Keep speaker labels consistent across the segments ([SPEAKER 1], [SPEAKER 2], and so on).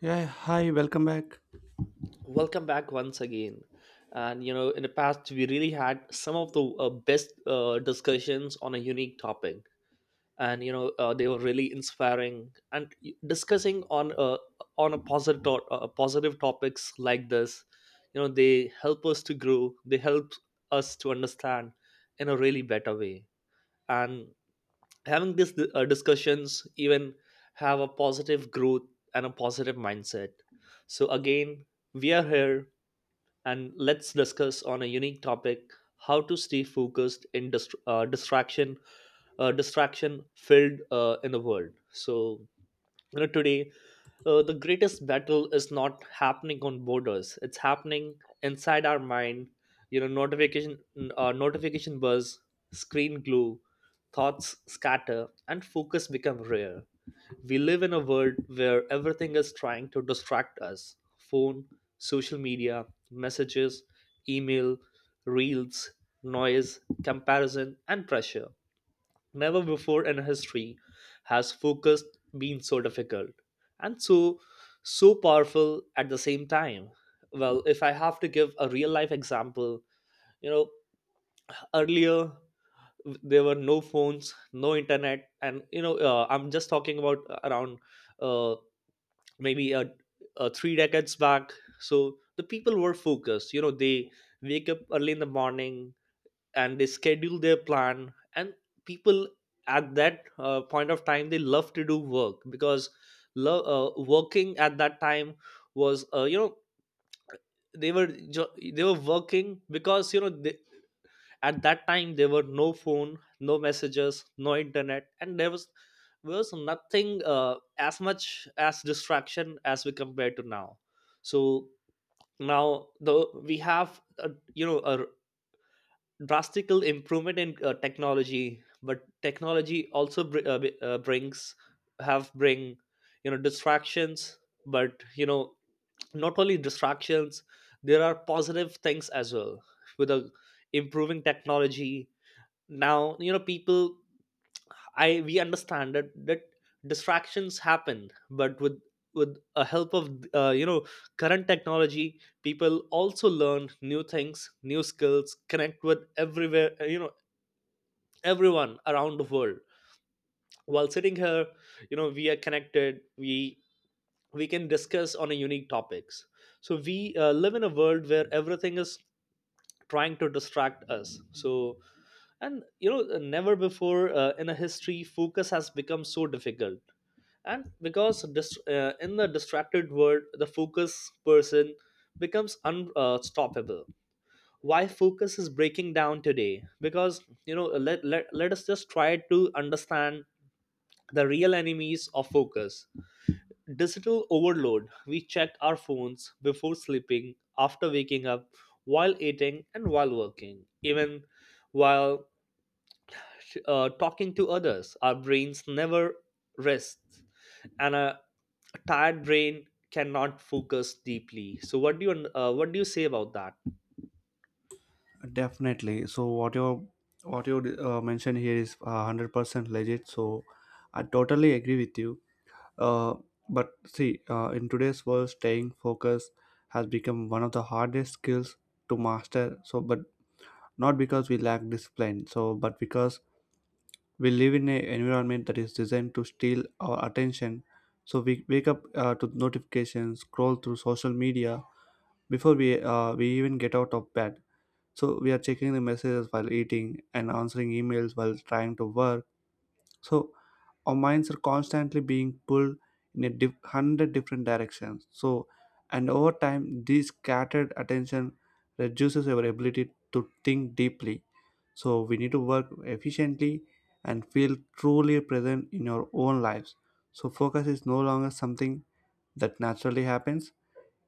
[SPEAKER 1] Yeah, hi, welcome back.
[SPEAKER 2] Welcome back once again. And you know, in the past, we really had some of the best discussions on a unique topic. And you know, they were really inspiring and discussing on a positive topics like this. You know, they help us to grow, they help us to understand in a really better way. And having these discussions even have a positive growth and a positive mindset. So again, we are here, and let's discuss on a unique topic: how to stay focused in distraction filled, in the world. So you know, today, the greatest battle is not happening on borders. It's happening inside our mind. You know, notification buzz, screen glue, thoughts scatter, and focus become rare. We live in a world where everything is trying to distract us: phone, social media, messages, email, reels, noise, comparison, and pressure. Never before in history has focus been so difficult and so powerful at the same time. Well, if I have to give a real life example, you know, earlier there were no phones, no internet. And you know, I'm just talking about around uh, maybe a 3 decades back. So the people were focused. You know, they wake up early in the morning, and they schedule their plan. And people, at that point of time, they love to do work, because lo- working at that time was, you know, they were they were working, because you know, they, at that time there were no phone, no messages, no internet, and there was nothing, as much as distraction as we compare to now. So now the we have, you know, a drastical improvement in technology, but technology also br- uh, b- uh, brings have bring, you know, distractions. But you know, not only distractions, there are positive things as well with the improving technology. Now you know, people, I we understand that distractions happen, but with a help of you know, current technology, people also learn new things, new skills, connect with everywhere, you know, everyone around the world. While sitting here, you know, we are connected, we can discuss on a unique topics. So we live in a world where everything is trying to distract us. So and you know, never before in a history, focus has become so difficult. And because in the distracted world, the focus person becomes unstoppable. Why focus is breaking down today? Because you know, let us just try to understand the real enemies of focus. Digital overload. We check our phones before sleeping, after waking up, while eating, and while working. Even while talking to others, our brains never rest, and a tired brain cannot focus deeply. So, what do you say about that?
[SPEAKER 1] Definitely. So what you mentioned here is 100% legit. So I totally agree with you. Uh, but see, in today's world, staying focused has become one of the hardest skills to master. So, but not because we lack discipline. So, but because we live in an environment that is designed to steal our attention. So we wake up to notifications, scroll through social media before we even get out of bed, so we are checking the messages while eating and answering emails while trying to work. So our minds are constantly being pulled in a hundred different directions. So and over time this scattered attention reduces our ability to think deeply, so we need to work efficiently and feel truly present in our own lives. So focus is no longer something that naturally happens.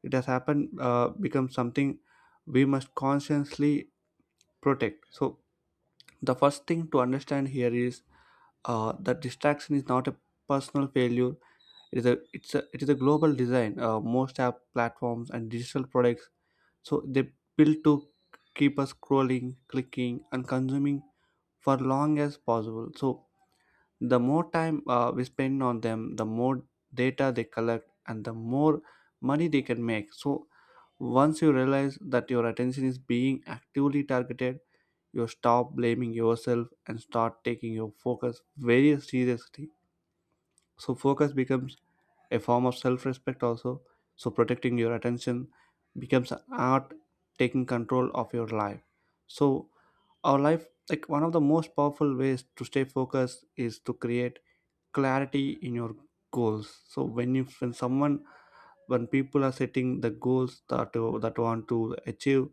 [SPEAKER 1] It has happened uh, become something we must consciously protect. So the first thing to understand here is that distraction is not a personal failure. It is a global design. Most app platforms and digital products, so they built to keep us scrolling, clicking and consuming for long as possible. So the more time we spend on them, the more data they collect, and the more money they can make. So once you realize that your attention is being actively targeted, you stop blaming yourself and start taking your focus very seriously. So focus becomes a form of self-respect also. So protecting your attention becomes an art, taking control of your life. So our life, like, one of the most powerful ways to stay focused is to create clarity in your goals. So when you when someone when people are setting the goals that want to achieve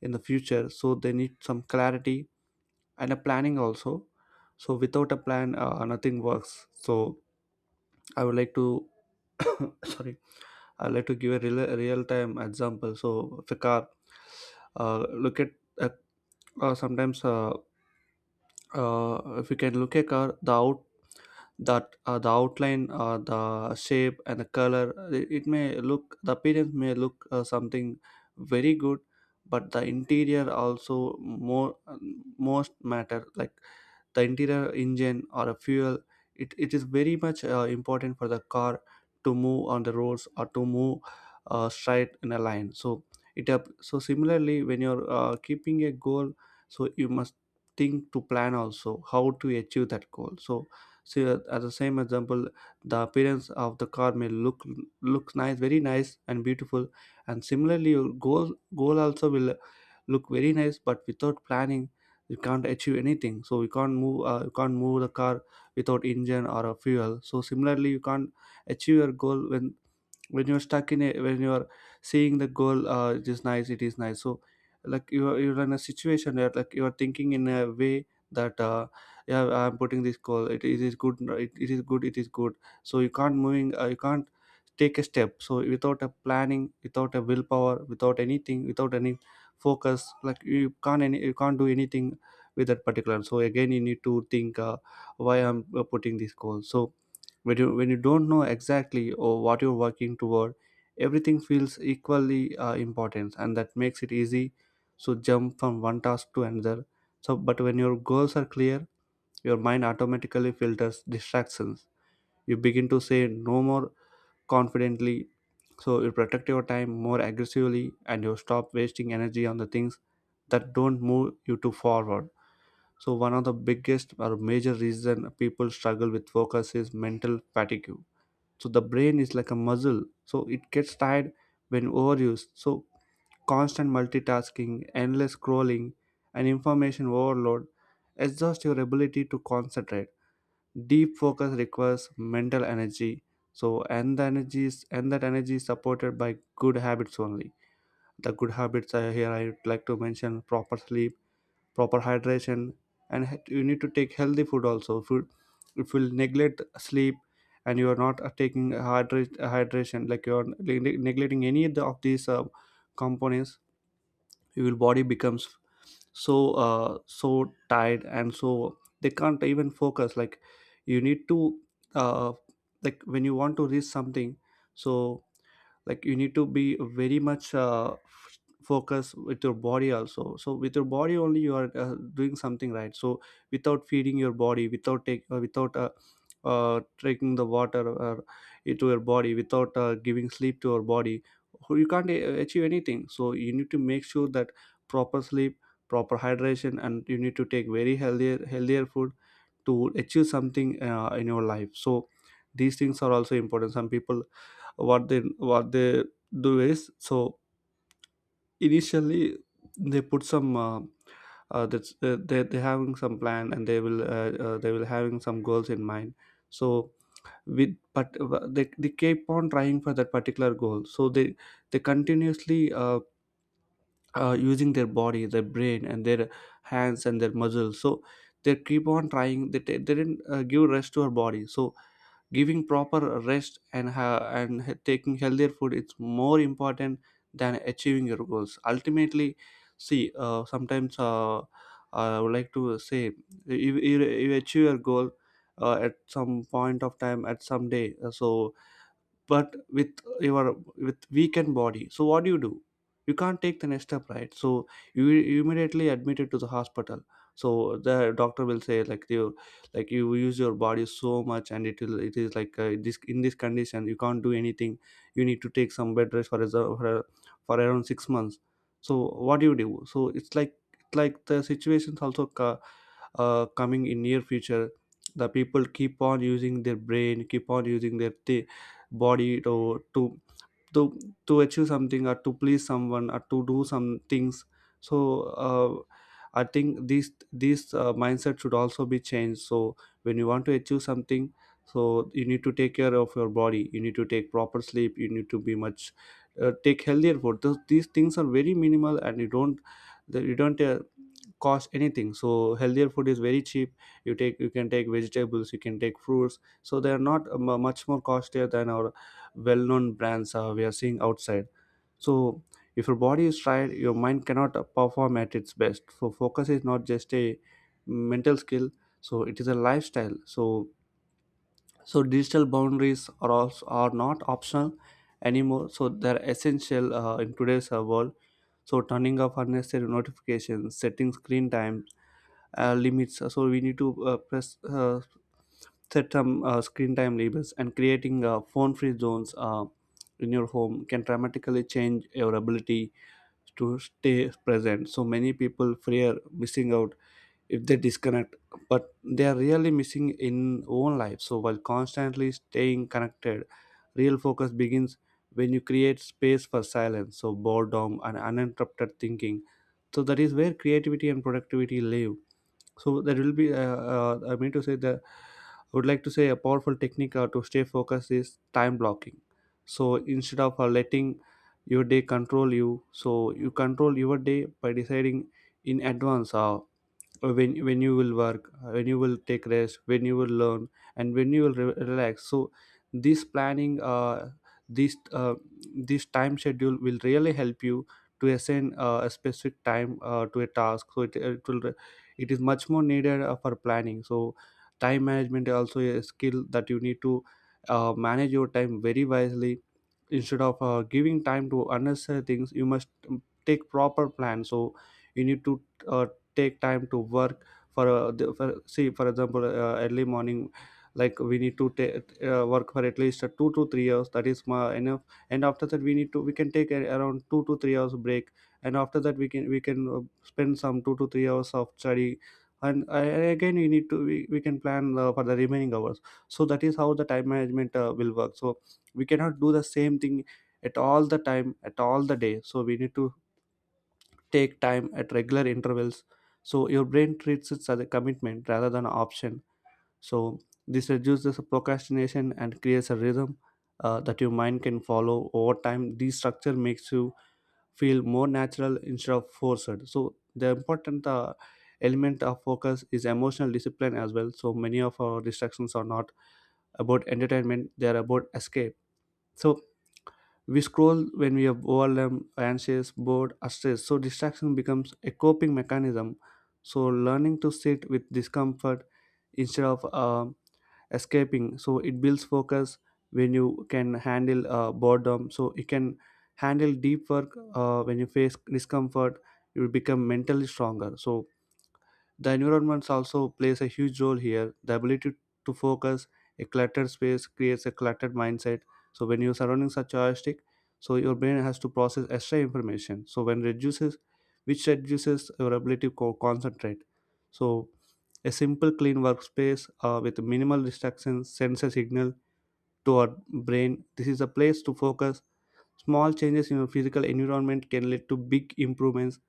[SPEAKER 1] in the future, so they need some clarity and a planning also. So without a plan, nothing works. So I would like to sorry, I'd like to give a real time example. So if a car, look at uh, sometimes if you can look a car, the out, that the outline, the shape and the color, it may look, the appearance may look something very good, but the interior also more most matter, like the interior, engine or a fuel, it is very much important for the car to move on the roads or to move straight in a line. So it up, so similarly when you're keeping a goal, so you must think to plan also how to achieve that goal. So see, as the same example, the appearance of the car may look, look nice, very nice and beautiful, and similarly your goal also will look very nice, but without planning you can't achieve anything. So you can't move the car without engine or a fuel, so similarly you can't achieve your goal when you're stuck in a when you're seeing the goal, it is nice, it is nice. So like you're in a situation where, like, you're thinking in a way that, yeah, I'm putting this goal, it is good, it is good, it is good. So you can't moving you can't take a step. So without a planning, without a willpower, without anything, without any focus, like, you can't any you can't do anything with that particular. So again you need to think, why I'm putting this goal. So when you, when you don't know exactly or what you're working toward, everything feels equally important, and that makes it easy so jump from one task to another. So but when your goals are clear, your mind automatically filters distractions. You begin to say no more confidently. So you protect your time more aggressively and you stop wasting energy on the things that don't move you to forward. So one of the biggest or major reason people struggle with focus is mental fatigue. So the brain is like a muscle, so it gets tired when overused. So constant multitasking, endless scrolling and information overload exhaust your ability to concentrate. Deep focus requires mental energy. So and the energy is and that energy is supported by good habits only. The good habits are, here I would like to mention, proper sleep, proper hydration, and you need to take healthy food also. If you, if you neglect sleep, and you are not hydration, like you are neglecting any of these components, your body becomes so tired, and so they can't even focus. Like you need to, uh, like, when you want to reach something, so, like, you need to be very much focus with your body also. So with your body only you are doing something right. So without feeding your body, without take without taking the water into your body, without giving sleep to your body, you can't achieve anything. So you need to make sure that proper sleep, proper hydration, and you need to take very healthier food to achieve something in your life. So these things are also important. Some people, what they, what they do is, so initially they put some, that's they having some plan, and they will, they will having some goals in mind. So with, but they keep on trying for that particular goal. So they continuously using their body, their brain and their hands and their muscles. So they keep on trying, they didn't give rest to our body. So giving proper rest and taking healthier food, it's more important than achieving your goals ultimately. See, sometimes I would like to say, you achieve your goal at some point of time, at some day. So but with your, with weakened body, so what do you do? You can't take the next step, right? So you immediately admitted to the hospital. So the doctor will say, like, you, like you use your body so much, and it will, it is like, this, in this condition you can't do anything. You need to take some bed rest for, as for around 6 months. So what do you do? So it's like, it's like the situations also coming in near future. The people keep on using their brain, keep on using their body to to to achieve something, or to please someone, or to do some things. So, uh, I think this mindset should also be changed. So when you want to achieve something, so you need to take care of your body, you need to take proper sleep, you need to be much, take healthier food. These things are very minimal, and you don't, that you don't uh, cost anything. So healthier food is very cheap. You take, you can take vegetables, you can take fruits, so they are not, much more costlier than our well-known brands we are seeing outside. So if your body is tired, your mind cannot perform at its best. So focus is not just a mental skill, so it is a lifestyle. So, so digital boundaries are also are not optional anymore, so they're essential in today's world. So turning off unnecessary notifications, setting screen time limits, so we need to press set some screen time labels, and creating phone free zones in your home can dramatically change your ability to stay present. So many people fear missing out if they disconnect, but they are really missing in own life. So while constantly staying connected, real focus begins when you create space for silence, so boredom and uninterrupted thinking. So that is where creativity and productivity live. So there will be, I mean to say that, I would like to say, a powerful technique to stay focused is time blocking. So instead of letting your day control you, so you control your day by deciding in advance, when you will work, when you will take rest, when you will learn, and when you will relax. So this planning, this uh, this time schedule will really help you to assign a specific time to a task. So it is much more needed for planning. So time management is also a skill that you need to, manage your time very wisely instead of giving time to unnecessary things. You must, take proper plan. So you need to, uh, take time to work for, for, see, for example, Early morning, like, we need to take work for at least 2 to 3 hours. That is enough. And after that we need to, we can take a, around 2 to 3 hours break. And after that we can spend some 2 to 3 hours of study. And again we need to we can plan for the remaining hours. So that is how the time management will work. So we cannot do the same thing at all the time, at all the day, so we need to take time at regular intervals, so your brain treats it as a commitment rather than an option. So this reduces procrastination and creates a rhythm that your mind can follow over time. This structure makes you feel more natural instead of forced. So the important element of focus is emotional discipline as well. So many of our distractions are not about entertainment, they are about escape. So we scroll when we are overwhelmed, anxious, bored, or stressed. So distraction becomes a coping mechanism. So learning to sit with discomfort instead of escaping, so it builds focus. When you can handle boredom, so you can handle deep work when you face discomfort, you will become mentally stronger. So the environment also plays a huge role here, the ability to focus. A cluttered space creates a cluttered mindset. So when your surroundings are chaotic, so your brain has to process extra information. So when reduces, which reduces your ability to concentrate. So a simple clean workspace with minimal distractions sends a signal to our brain. This is a place to focus. Small changes in your physical environment can lead to big improvements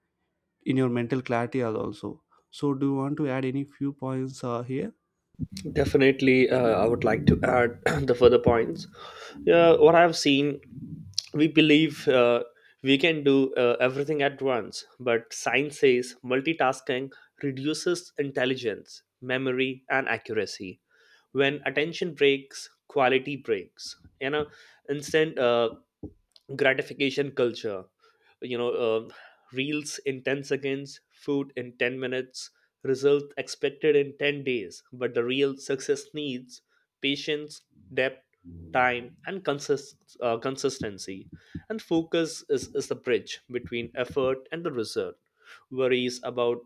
[SPEAKER 1] in your mental clarity, also. So do you want to add any few points here?
[SPEAKER 2] Definitely, I would like to add the further points. Yeah, what I've seen, we believe, we can do everything at once, but science says multitasking reduces intelligence, memory, and accuracy. When attention breaks, quality breaks. You know, instant gratification culture. You know, reels in 10 seconds, food in 10 minutes, result expected in 10 days, but the real success needs patience, depth, time, and consistency. And focus is the bridge between effort and the result. Worries about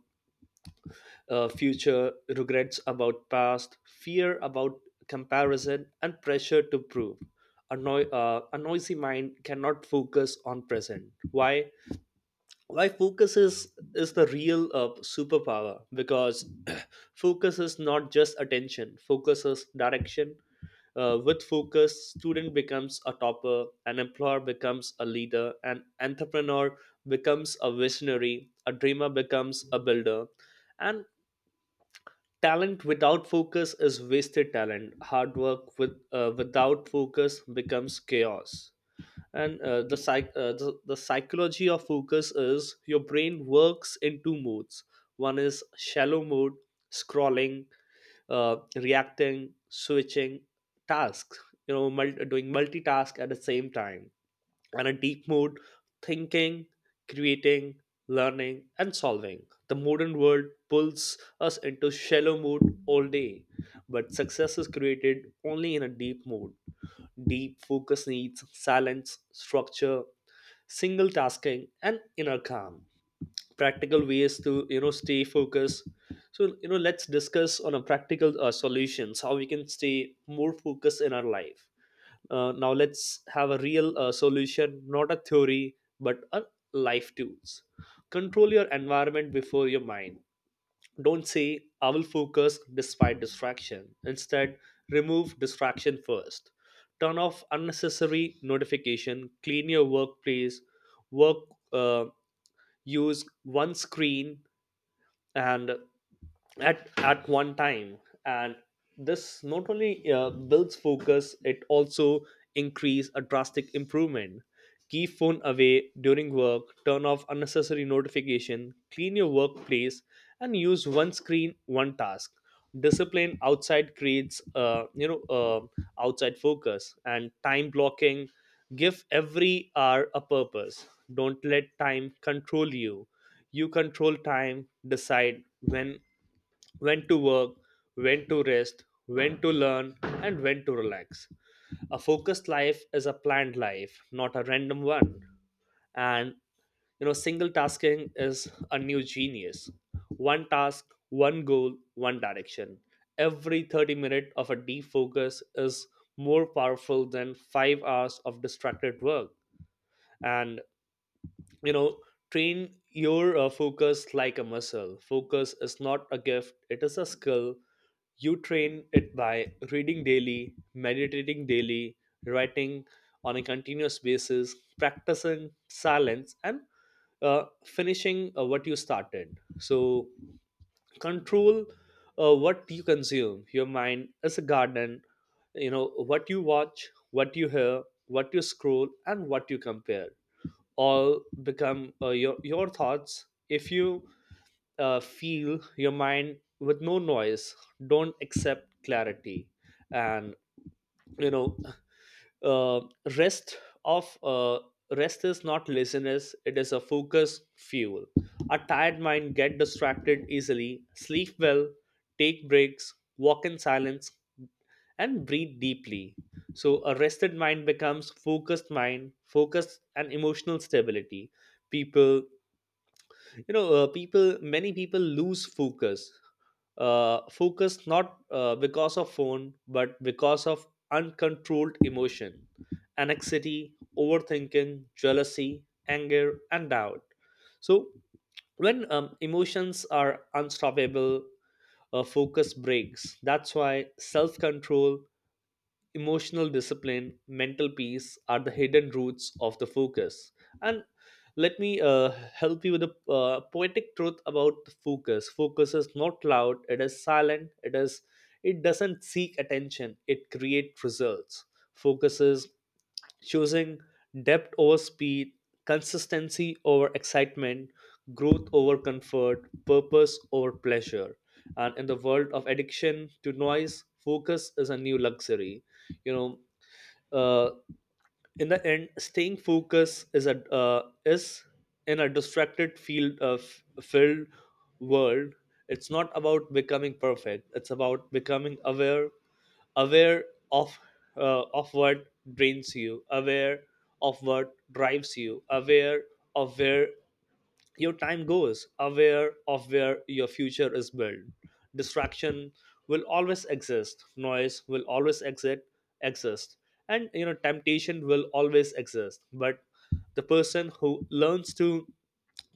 [SPEAKER 2] future, regrets about past, fear about comparison, and pressure to prove. A noisy mind cannot focus on present. Why why focus is the real superpower? Because focus is not just attention, focus is direction. With focus, student becomes a topper, an employer becomes a leader, an entrepreneur becomes a visionary, a dreamer becomes a builder. And talent without focus is wasted talent. Hard work without focus becomes chaos. And the psychology of focus is your brain works in two modes. One is shallow mode: scrolling, reacting, switching tasks, you know, doing multitask at the same time. And a deep mood: thinking, creating, learning, and solving. The modern world pulls us into shallow mood all day, but success is created only in a deep mood. Deep focus needs silence, structure, single tasking, and inner calm. Practical ways to, you know, stay focused. So you know, let's discuss on a practical solutions how we can stay more focused in our life. Now let's have a real solution, not a theory, but a life tools. Control your environment before your mind. Don't say, "I will focus despite distraction." Instead, remove distraction first. Turn off unnecessary notification, clean your workplace, work, uh, use one screen and at one time. And this not only builds focus, it also increase a drastic improvement. Keep phone away during work, turn off unnecessary notification, clean your workplace, and use one screen, one task. Discipline outside creates, you know, outside focus. And time blocking: give every hour a purpose. Don't let time control you, you control time. Decide when to work, when to rest, when to learn, and when to relax. A focused life is a planned life, not a random one. And you know, single tasking is a new genius. One task, one goal, one direction. Every 30 minutes of a deep focus is more powerful than 5 hours of distracted work. And you know, train your focus like a muscle. Focus is not a gift, it is a skill. You train it by reading daily, meditating daily, writing on a continuous basis, practicing silence, and finishing what you started. So control what you consume. Your mind is a garden, you know, what you watch, what you hear, what you scroll, and what you compare all become your thoughts. If you feel your mind with no noise, don't accept clarity. And you know, uh, rest of uh, rest is not laziness, it is a focus fuel. A tired mind get distracted easily. Sleep well, take breaks, walk in silence, and breathe deeply. So a rested mind becomes focused mind. Focused and emotional stability. People, you know, people many people lose focus, focus, not because of phone, but because of uncontrolled emotion: anxiety, overthinking, jealousy, anger, and doubt. So when emotions are unstoppable, focus breaks. That's why self control, emotional discipline, mental peace are the hidden roots of the focus. And let me help you with a poetic truth about the focus. Focus is not loud; it is silent. It is. It doesn't seek attention. It creates results. Focuses choosing depth over speed, consistency over excitement, growth over comfort, purpose over pleasure. And in the world of addiction to noise, focus is a new luxury. You know, uh, in the end, staying focused is a is in a distracted field of filled world. It's not about becoming perfect. It's about becoming aware of of what drains you, aware of what drives you, aware of where your time goes, aware of where your future is built. Distraction will always exist, noise will always exit exist, and you know, temptation will always exist. But the person who learns to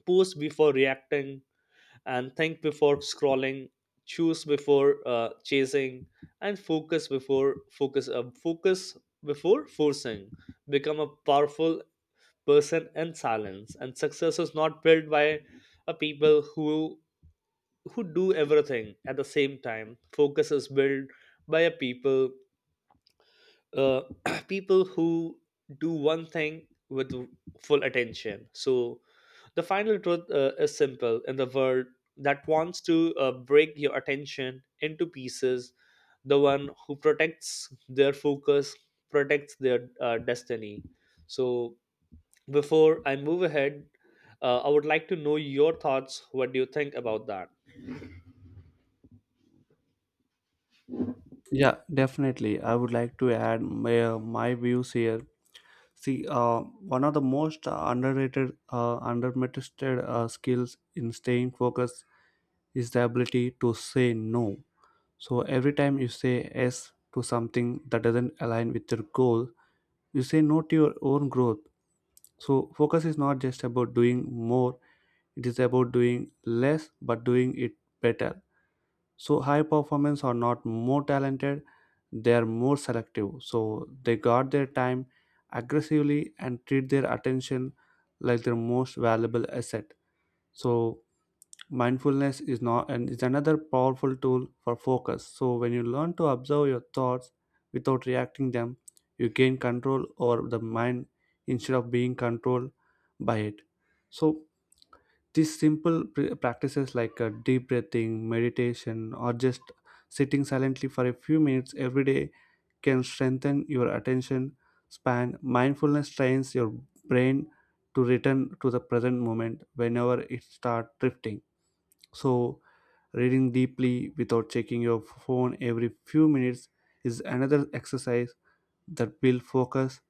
[SPEAKER 2] pause before reacting, and think before scrolling, choose before chasing, and focus before forcing, become a powerful person in silence. And success is not built by a people who do everything at the same time. Focus is built by a people, uh, people who do one thing with full attention. So the final truth is simple. In the world that wants to break your attention into pieces, the one who protects their focus protects their destiny. So, before I move ahead, I would like to know your thoughts. What do you think about that?
[SPEAKER 1] Yeah, definitely, I would like to add my views here. See, one of the most underrated skills in staying focused is the ability to say no. So every time you say yes to something that doesn't align with your goal, you say no to your own growth. So focus is not just about doing more, it is about doing less but doing it better. So high performance are not more talented, they are more selective, so they guard their time aggressively and treat their attention like their most valuable asset. So mindfulness is not, and is another powerful tool for focus. So when you learn to observe your thoughts without reacting them, you gain control over the mind instead of being controlled by it. So these simple practices like deep breathing, meditation, or just sitting silently for a few minutes every day can strengthen your attention span. Mindfulness trains your brain to return to the present moment whenever it starts drifting. So, reading deeply without checking your phone every few minutes is another exercise that builds focus.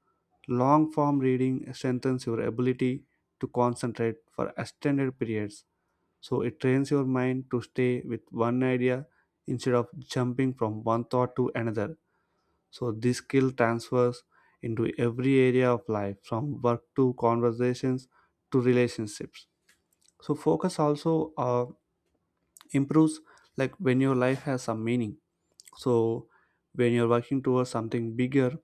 [SPEAKER 1] Long form reading strengthens your ability to concentrate for extended periods, so it trains your mind to stay with one idea instead of jumping from one thought to another. So this skill transfers into every area of life, from work to conversations to relationships. So focus also improves, like, when your life has some meaning. So when you're working towards something bigger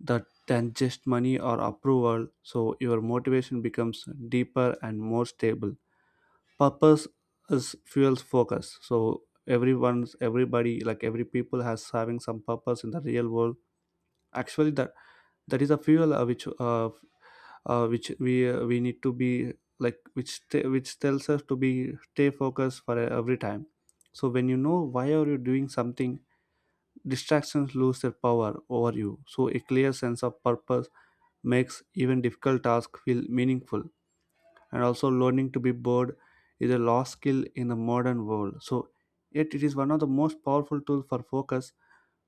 [SPEAKER 1] that than just money or approval, so your motivation becomes deeper and more stable. Purpose is fuels focus. So everyone's, everybody, like, every people has having some purpose in the real world. Actually that, that is a fuel which we need to be, like, which which tells us to be stay focused for every time. So when you know why are you doing something, distractions lose their power over you. So a clear sense of purpose makes even difficult tasks feel meaningful. And also learning to be bored is a lost skill in the modern world. So yet it is one of the most powerful tools for focus.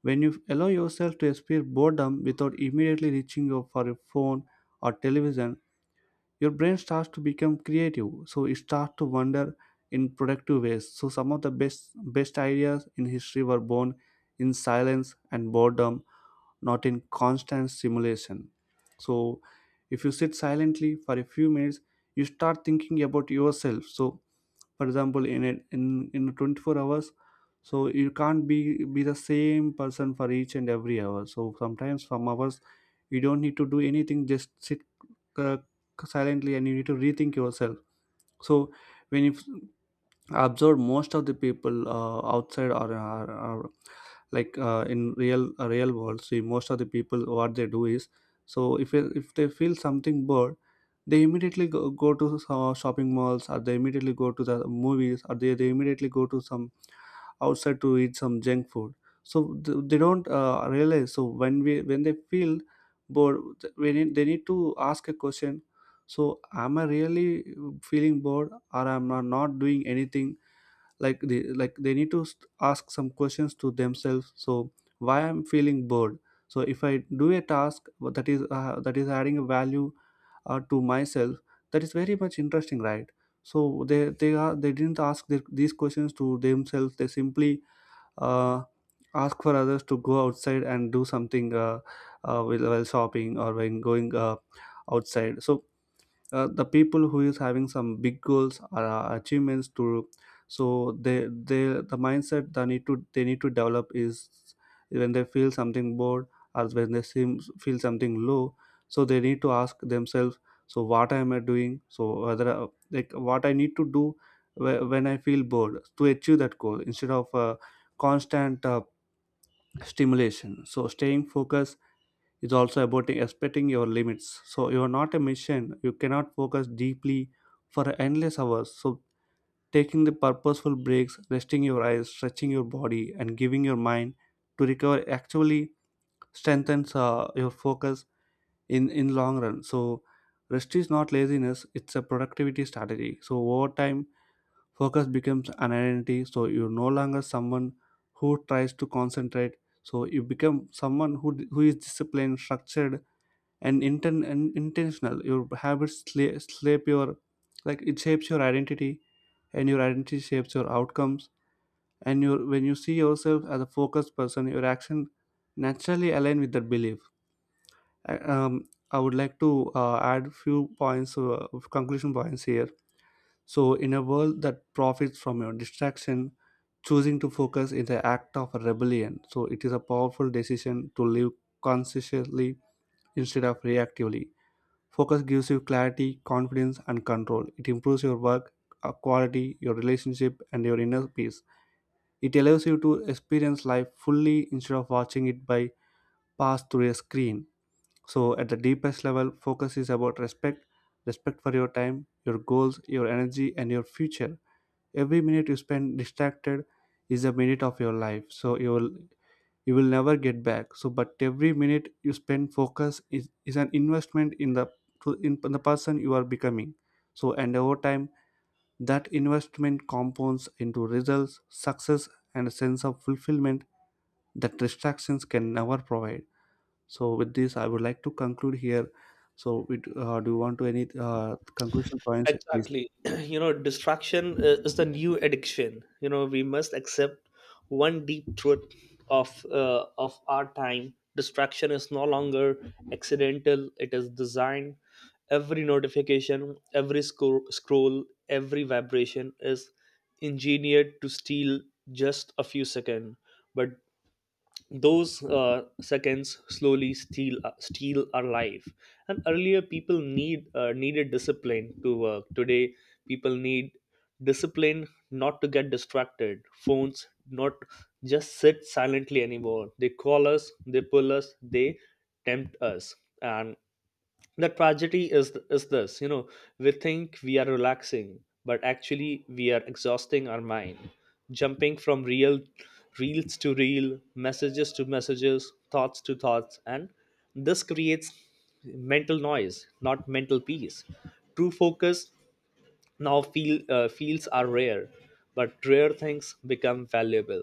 [SPEAKER 1] When you allow yourself to experience boredom without immediately reaching out for a phone or television, your brain starts to become creative, so it starts to wander in productive ways. So some of the best ideas in history were born in silence and boredom, not in constant simulation. So, if you sit silently for a few minutes, you start thinking about yourself. So, for example, in a, in in 24 hours, so you can't be the same person for each and every hour. So sometimes some hours you don't need to do anything, just sit uh, silently, and you need to rethink yourself. So when you I observed most of the people outside, or are, like, in real world. See, most of the people, what they do is, so if they feel something bored, they immediately go to shopping malls, or they immediately go to the movies, or they immediately go to some outside to eat some junk food. So they don't realize. So when we when they feel bored, they need to ask a question. So am I really feeling bored, or am I not doing anything? Like, they need to ask some questions to themselves. So why I'm feeling bored? So if I do a task that is adding a value to myself, that is very much interesting, right? So they didn't ask their, these questions to themselves. They simply uh, ask for others to go outside and do something while shopping or when going outside. So the people who is having some big goals or achievements to, so the mindset they need to, they need to develop is when they feel something bored or when they seem feel something low, so they need to ask themselves, so what am I doing? So whether like, what I need to do when I feel bored, to achieve that goal, instead of constant stimulation. So staying focused, it's also about respecting your limits, so you are not a machine, you cannot focus deeply for endless hours. So taking the purposeful breaks, resting your eyes, stretching your body, and giving your mind to recover actually strengthens your focus in long run. So rest is not laziness, it's a productivity strategy. So over time focus becomes an identity. So you're no longer someone who tries to concentrate, so you become someone who is disciplined, structured, and, intentional. Your habits shape your, like, it shapes your identity, and your identity shapes your outcomes. And you see yourself as a focused person, your action naturally align with that belief. I would like to add few points, conclusion points here. So in a world that profits from your distraction, choosing to focus is an act of rebellion. So it is a powerful decision to live consciously instead of reactively. Focus gives you clarity, confidence, and control. It improves your work quality, your relationship, and your inner peace. It allows you to experience life fully instead of watching it by pass through a screen. So, at the deepest level, focus is about respect, respect for your time, your goals, your energy, and your future. Every minute you spend distracted is a minute of your life. So, you will never get back. So but every minute you spend focus is an investment in the in the person you are becoming. So and over time that investment compounds into results, success, and a sense of fulfillment that distractions can never provide. So with this I would like to conclude here. So do you want to any conclusion points, please?
[SPEAKER 2] Exactly. You know, distraction is the new addiction. You know, we must accept one deep truth of our time. Distraction is no longer accidental. It is designed. Every notification, every scroll, every vibration is engineered to steal just a few seconds. But those seconds slowly steal our life. And earlier people needed discipline to work. Today people need discipline not to get distracted. Phones not just sit silently anymore, they call us, they pull us, they tempt us. And the tragedy is this, you know, we think we are relaxing, but actually we are exhausting our mind, jumping from real reels to reel, messages to messages, thoughts to thoughts. And this creates mental noise, not mental peace. True focus now, fields are rare, but rare things become valuable.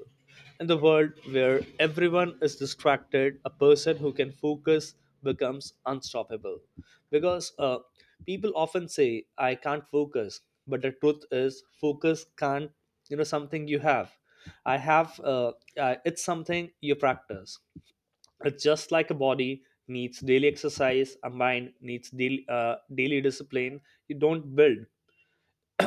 [SPEAKER 2] In the world where everyone is distracted, a person who can focus becomes unstoppable. Because people often say, "I can't focus," but the truth is, focus can't. You know, something you have. I have. It's something you practice. It's just like a body needs daily exercise, a mind needs daily discipline. You don't build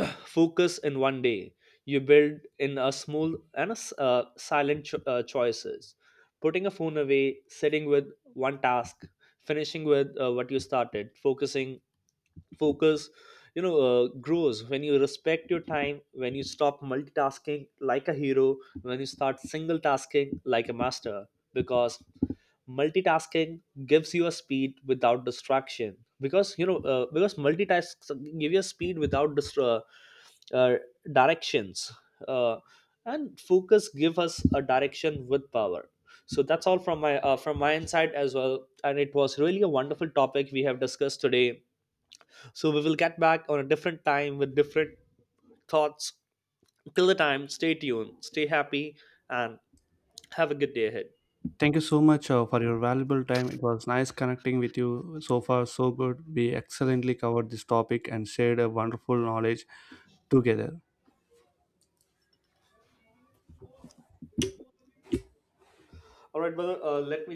[SPEAKER 2] focus in one day, you build in a small and a silent choices: putting a phone away, sitting with one task, finishing with what you started, focus. You know, grows when you respect your time, when you stop multitasking like a hero, when you start single tasking like a master. Because multitasking gives you a speed without distraction, because you know, because multitasks give you a speed without uh, uh, directions, uh, and focus give us a direction with power. So that's all from my inside as well, and it was really a wonderful topic we have discussed today. So we will get back on a different time with different thoughts. Till the time, stay tuned, stay happy, and have a good day ahead.
[SPEAKER 1] Thank you so much for your valuable time. It was nice connecting with you. So far, so good. We excellently covered this topic and shared a wonderful knowledge together.
[SPEAKER 2] All right, brother. Let me